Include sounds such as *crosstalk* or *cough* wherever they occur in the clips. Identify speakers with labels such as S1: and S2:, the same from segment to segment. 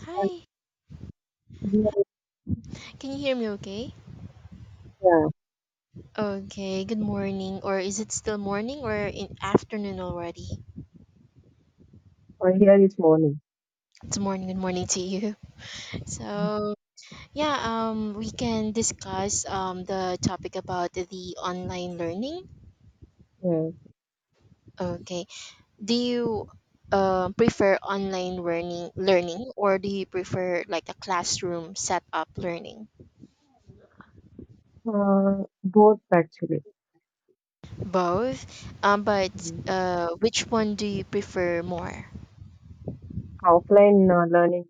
S1: Hi,
S2: Here,
S1: can you hear me okay?
S2: yeah,
S1: Okay, good morning. Or is it still morning or in afternoon already?
S2: or here is morning.
S1: It's morning, good morning to you. *laughs* So, yeah, we can discuss the topic about the online learning.
S2: Yeah,
S1: Okay. Do you prefer online learning or do you prefer like a classroom setup learning?
S2: both actually.
S1: Both. Um but
S2: Mm.
S1: uh which one do you prefer more?
S2: Offline learning,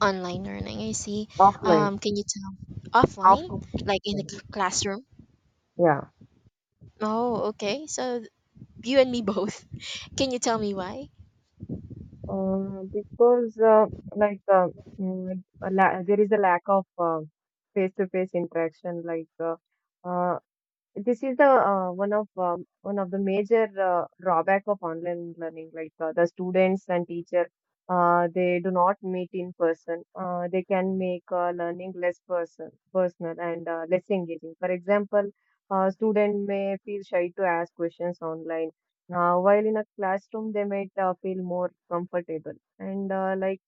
S1: Online learning, I see.
S2: offline,
S1: Can you tell
S2: offline.
S1: offline, like in the classroom?
S2: Yeah,
S1: Oh, okay. So you and me *laughs* both. Can you tell me why?
S2: because like uh, there is a lack of face to face interaction. Uh, This is the one of the major drawback of online learning. Like the students and teacher, they do not meet in person. They can make learning less personal and less engaging. For example, a student may feel shy to ask questions online, while in a classroom they might feel more comfortable. And like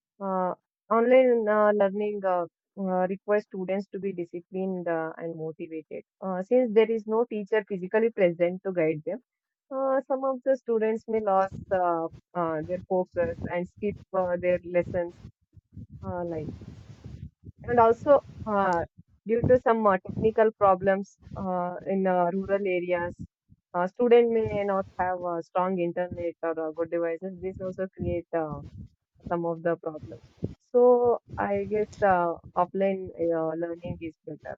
S2: uh, Online learning requires students to be disciplined and motivated. Since there is no teacher physically present to guide them, some of the students may lose their focus and skip their lessons like this. And also, uh, due to some technical problems in rural areas, student may not have strong internet or good devices. This also create some of the problems. So I guess offline learning is better.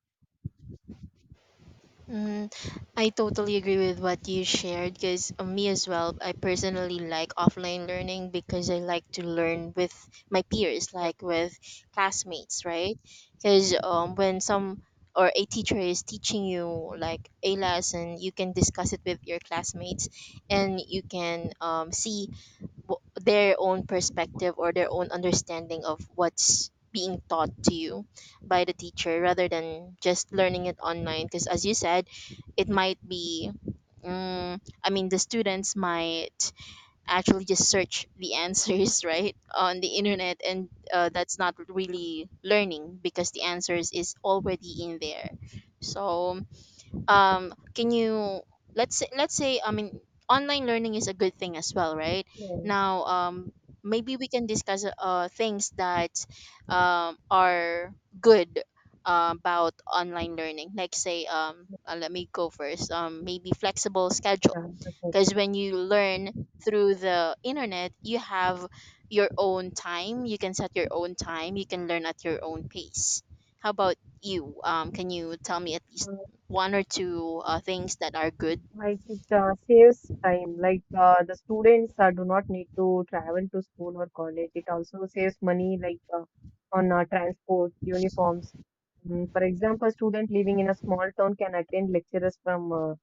S1: Mm, I totally agree with what you shared because me as well. I personally like offline learning because I like to learn with my peers, like with classmates, right? Because when some or a teacher is teaching you like a lesson, you can discuss it with your classmates, and you can see their own perspective or their own understanding of what's being taught to you by the teacher rather than just learning it online because as you said it might be mm, I mean the students might actually just search the answers *laughs* right on the internet and that's not really learning because the answers is already in there so can you let's say I mean online learning is a good thing as well, right?
S2: Yeah.
S1: Now maybe we can discuss things that are good about online learning, like say let me go first, maybe flexible schedules
S2: Yeah, that's it.
S1: because when you learn through the internet you have your own time, you can set your own time, you can learn at your own pace. How about you? Can you tell me at least one or two things that are good?
S2: Like it saves time. Like the students do not need to travel to school or college. It also saves money, like on transport, uniforms. Mm, for example, student living in a small town can attend lectures from uh,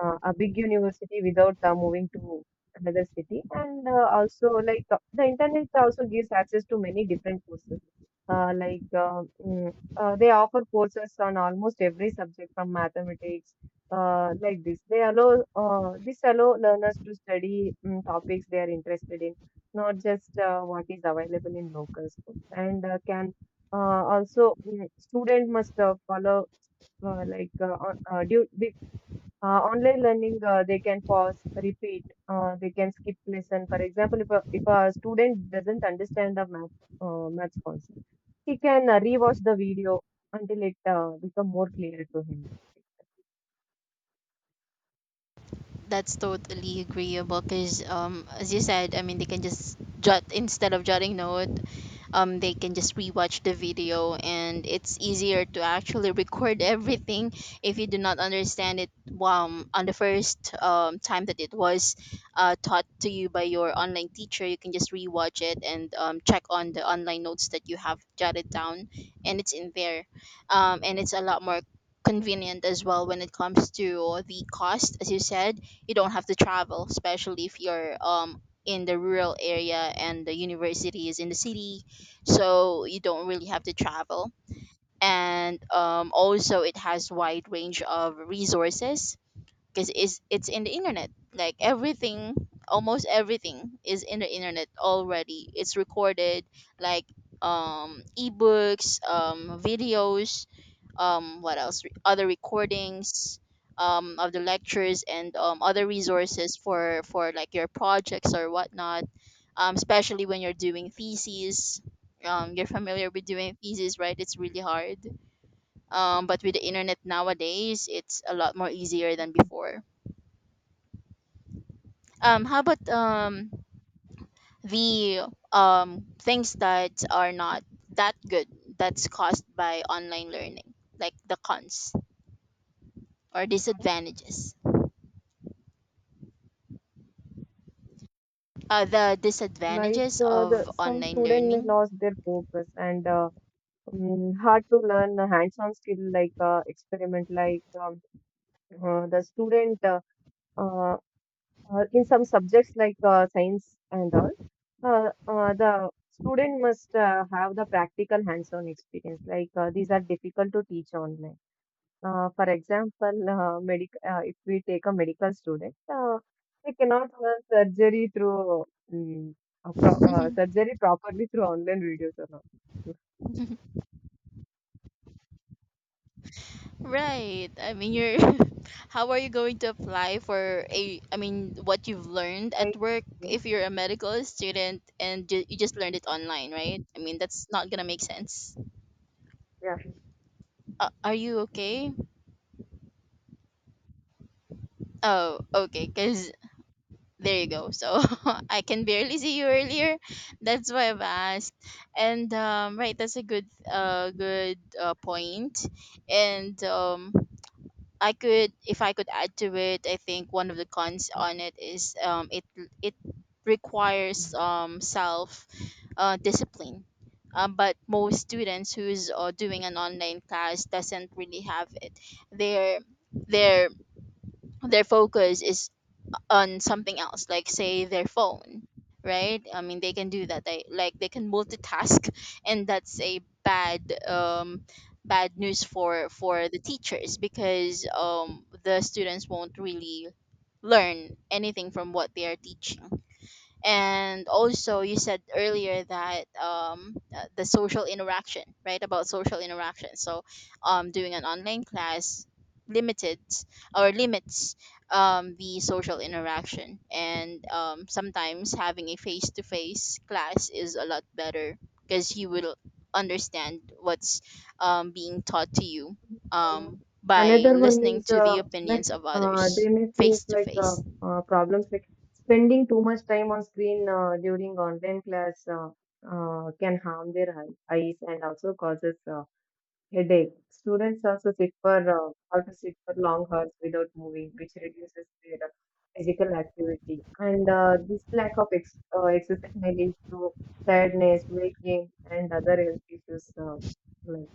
S2: uh, a big university without moving to another city. And also, like the internet also gives access to many different courses. Uh, like uh, mm, they offer courses on almost every subject from mathematics like this. They allow this allow learners to study topics they are interested in, not just what is available in local schools. And can uh, also mm, Student must follow uh, like uh, on- uh, due, be- online learning. They can pause, repeat. They can skip lesson. For example, if a student doesn't understand the maths concept, he can rewatch the video until it become more clear to him.
S1: That's totally agreeable because as you said, I mean they can just jot instead of jotting note. Um, they can just rewatch the video and it's easier to actually record *laughs* everything if you do not understand it on the first time that it was taught to you by your online teacher. You can just rewatch it and check on the online notes that you have jotted down and it's in there. And it's a lot more convenient as well when it comes to the cost. As you said, you don't have to travel, especially if you're in the rural area and the university is in the city, so you don't really have to travel. And also it has wide range of resources because it's in the internet, like everything, almost everything is in the internet already, it's recorded, like ebooks, videos, what else? Other recordings of the lectures and other resources for like your projects or whatnot, especially when you're doing theses. You're familiar with doing theses, right? It's really hard. But with the internet nowadays, it's a lot more easier than before. How about the things that are not that good that's caused by online learning, like the cons or
S2: Sorry.
S1: disadvantages? The
S2: Like
S1: disadvantages
S2: the
S1: of
S2: some
S1: online
S2: student may
S1: learning.
S2: lose their focus, and hard to learn a hands-on skill like experiment. Like the student uh, in some subjects like science and all, the student must have the practical hands-on experience. Like these are difficult to teach online. For example, medic if we take a medical student, they cannot learn surgery through mm a pro surgery properly through online videos or not.
S1: *laughs* Right. I mean, you're *laughs* how are you going to apply for a I mean, what you've learned at
S2: Right.
S1: work
S2: Yeah.
S1: if you're a medical student and you just learned it online, right? I mean, that's not going to make sense.
S2: Yeah.
S1: Are you okay? Oh, okay, cuz there you go. So, *laughs* I can barely see you earlier. That's why I've asked. And right, that's a good point. And I could, if I could add to it, I think one of the cons on it is it it requires self discipline. But most students who's doing an online class doesn't really have it. Their their their focus is on something else, like say their phone, right? I mean, they can do that, they like they can multitask *laughs* and that's a um bad news for the teachers because the students won't really learn anything from what they are teaching. And also you said earlier that the social interaction, right? About social interaction. So doing an online class limited or limits the social interaction. And sometimes having a face-to-face class is a lot better because you will understand what's being taught to you
S2: Um,
S1: by
S2: another one
S1: listening
S2: is
S1: to the
S2: like
S1: opinions of
S2: they
S1: others
S2: may face
S1: face to
S2: like
S1: face.
S2: problems like spending too much time on screen during online class can harm their eyes and also causes headache. Students also sit for have to sit for long hours without moving, which reduces their physical activity. And this lack of exercise may lead to tiredness, weight gain, and other health issues. Like-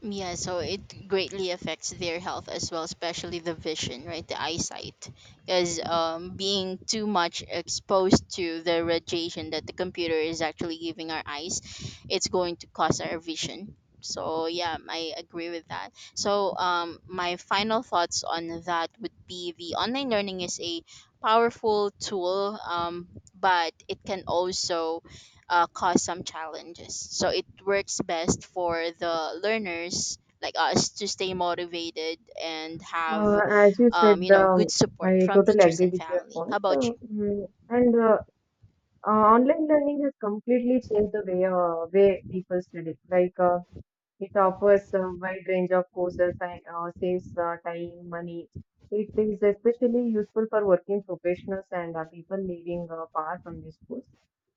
S1: Yeah, so it greatly affects their health as well, especially the vision, right? The eyesight. Because being too much exposed to the radiation that the computer is actually giving our eyes, it's going to cause our vision. So, yeah, I agree with that. So, my final thoughts on that would be the online learning is a powerful tool, but it can also cause some challenges. So it works best for the learners like us to stay motivated and have,
S2: uh, as you said,
S1: you know, good support
S2: I
S1: from
S2: totally
S1: teachers
S2: agree
S1: and
S2: with your
S1: family. How
S2: point.
S1: about you?
S2: Mm, and Online learning has completely changed the way people study. Like. It offers a wide range of courses and saves time, money. It is especially useful for working professionals and people living far from the schools.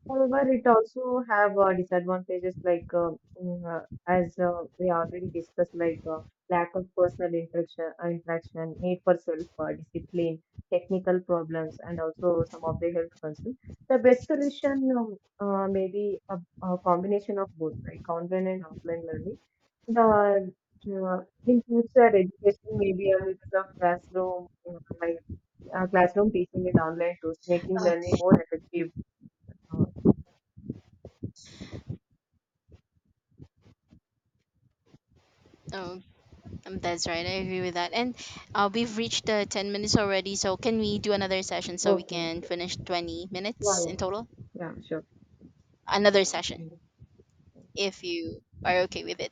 S2: However, it also have disadvantages like as we already discussed, like lack of personal interaction, need for self discipline, technical problems, and also some of the health concerns. The best solution may be a combination of both, like online and offline learning. The in future education may be a mix of classroom, classroom teaching and online tools, making
S1: Uh,
S2: learning more effective. uh,
S1: Oh, that's right. I agree with that. And we've reached 10 minutes already. So can we do another session so
S2: オ
S1: we
S2: ッケーオッ
S1: can
S2: ケー
S1: finish 20
S2: は
S1: minutes in
S2: い
S1: total?
S2: じゃあ少し。
S1: Another session, if you are okay with it.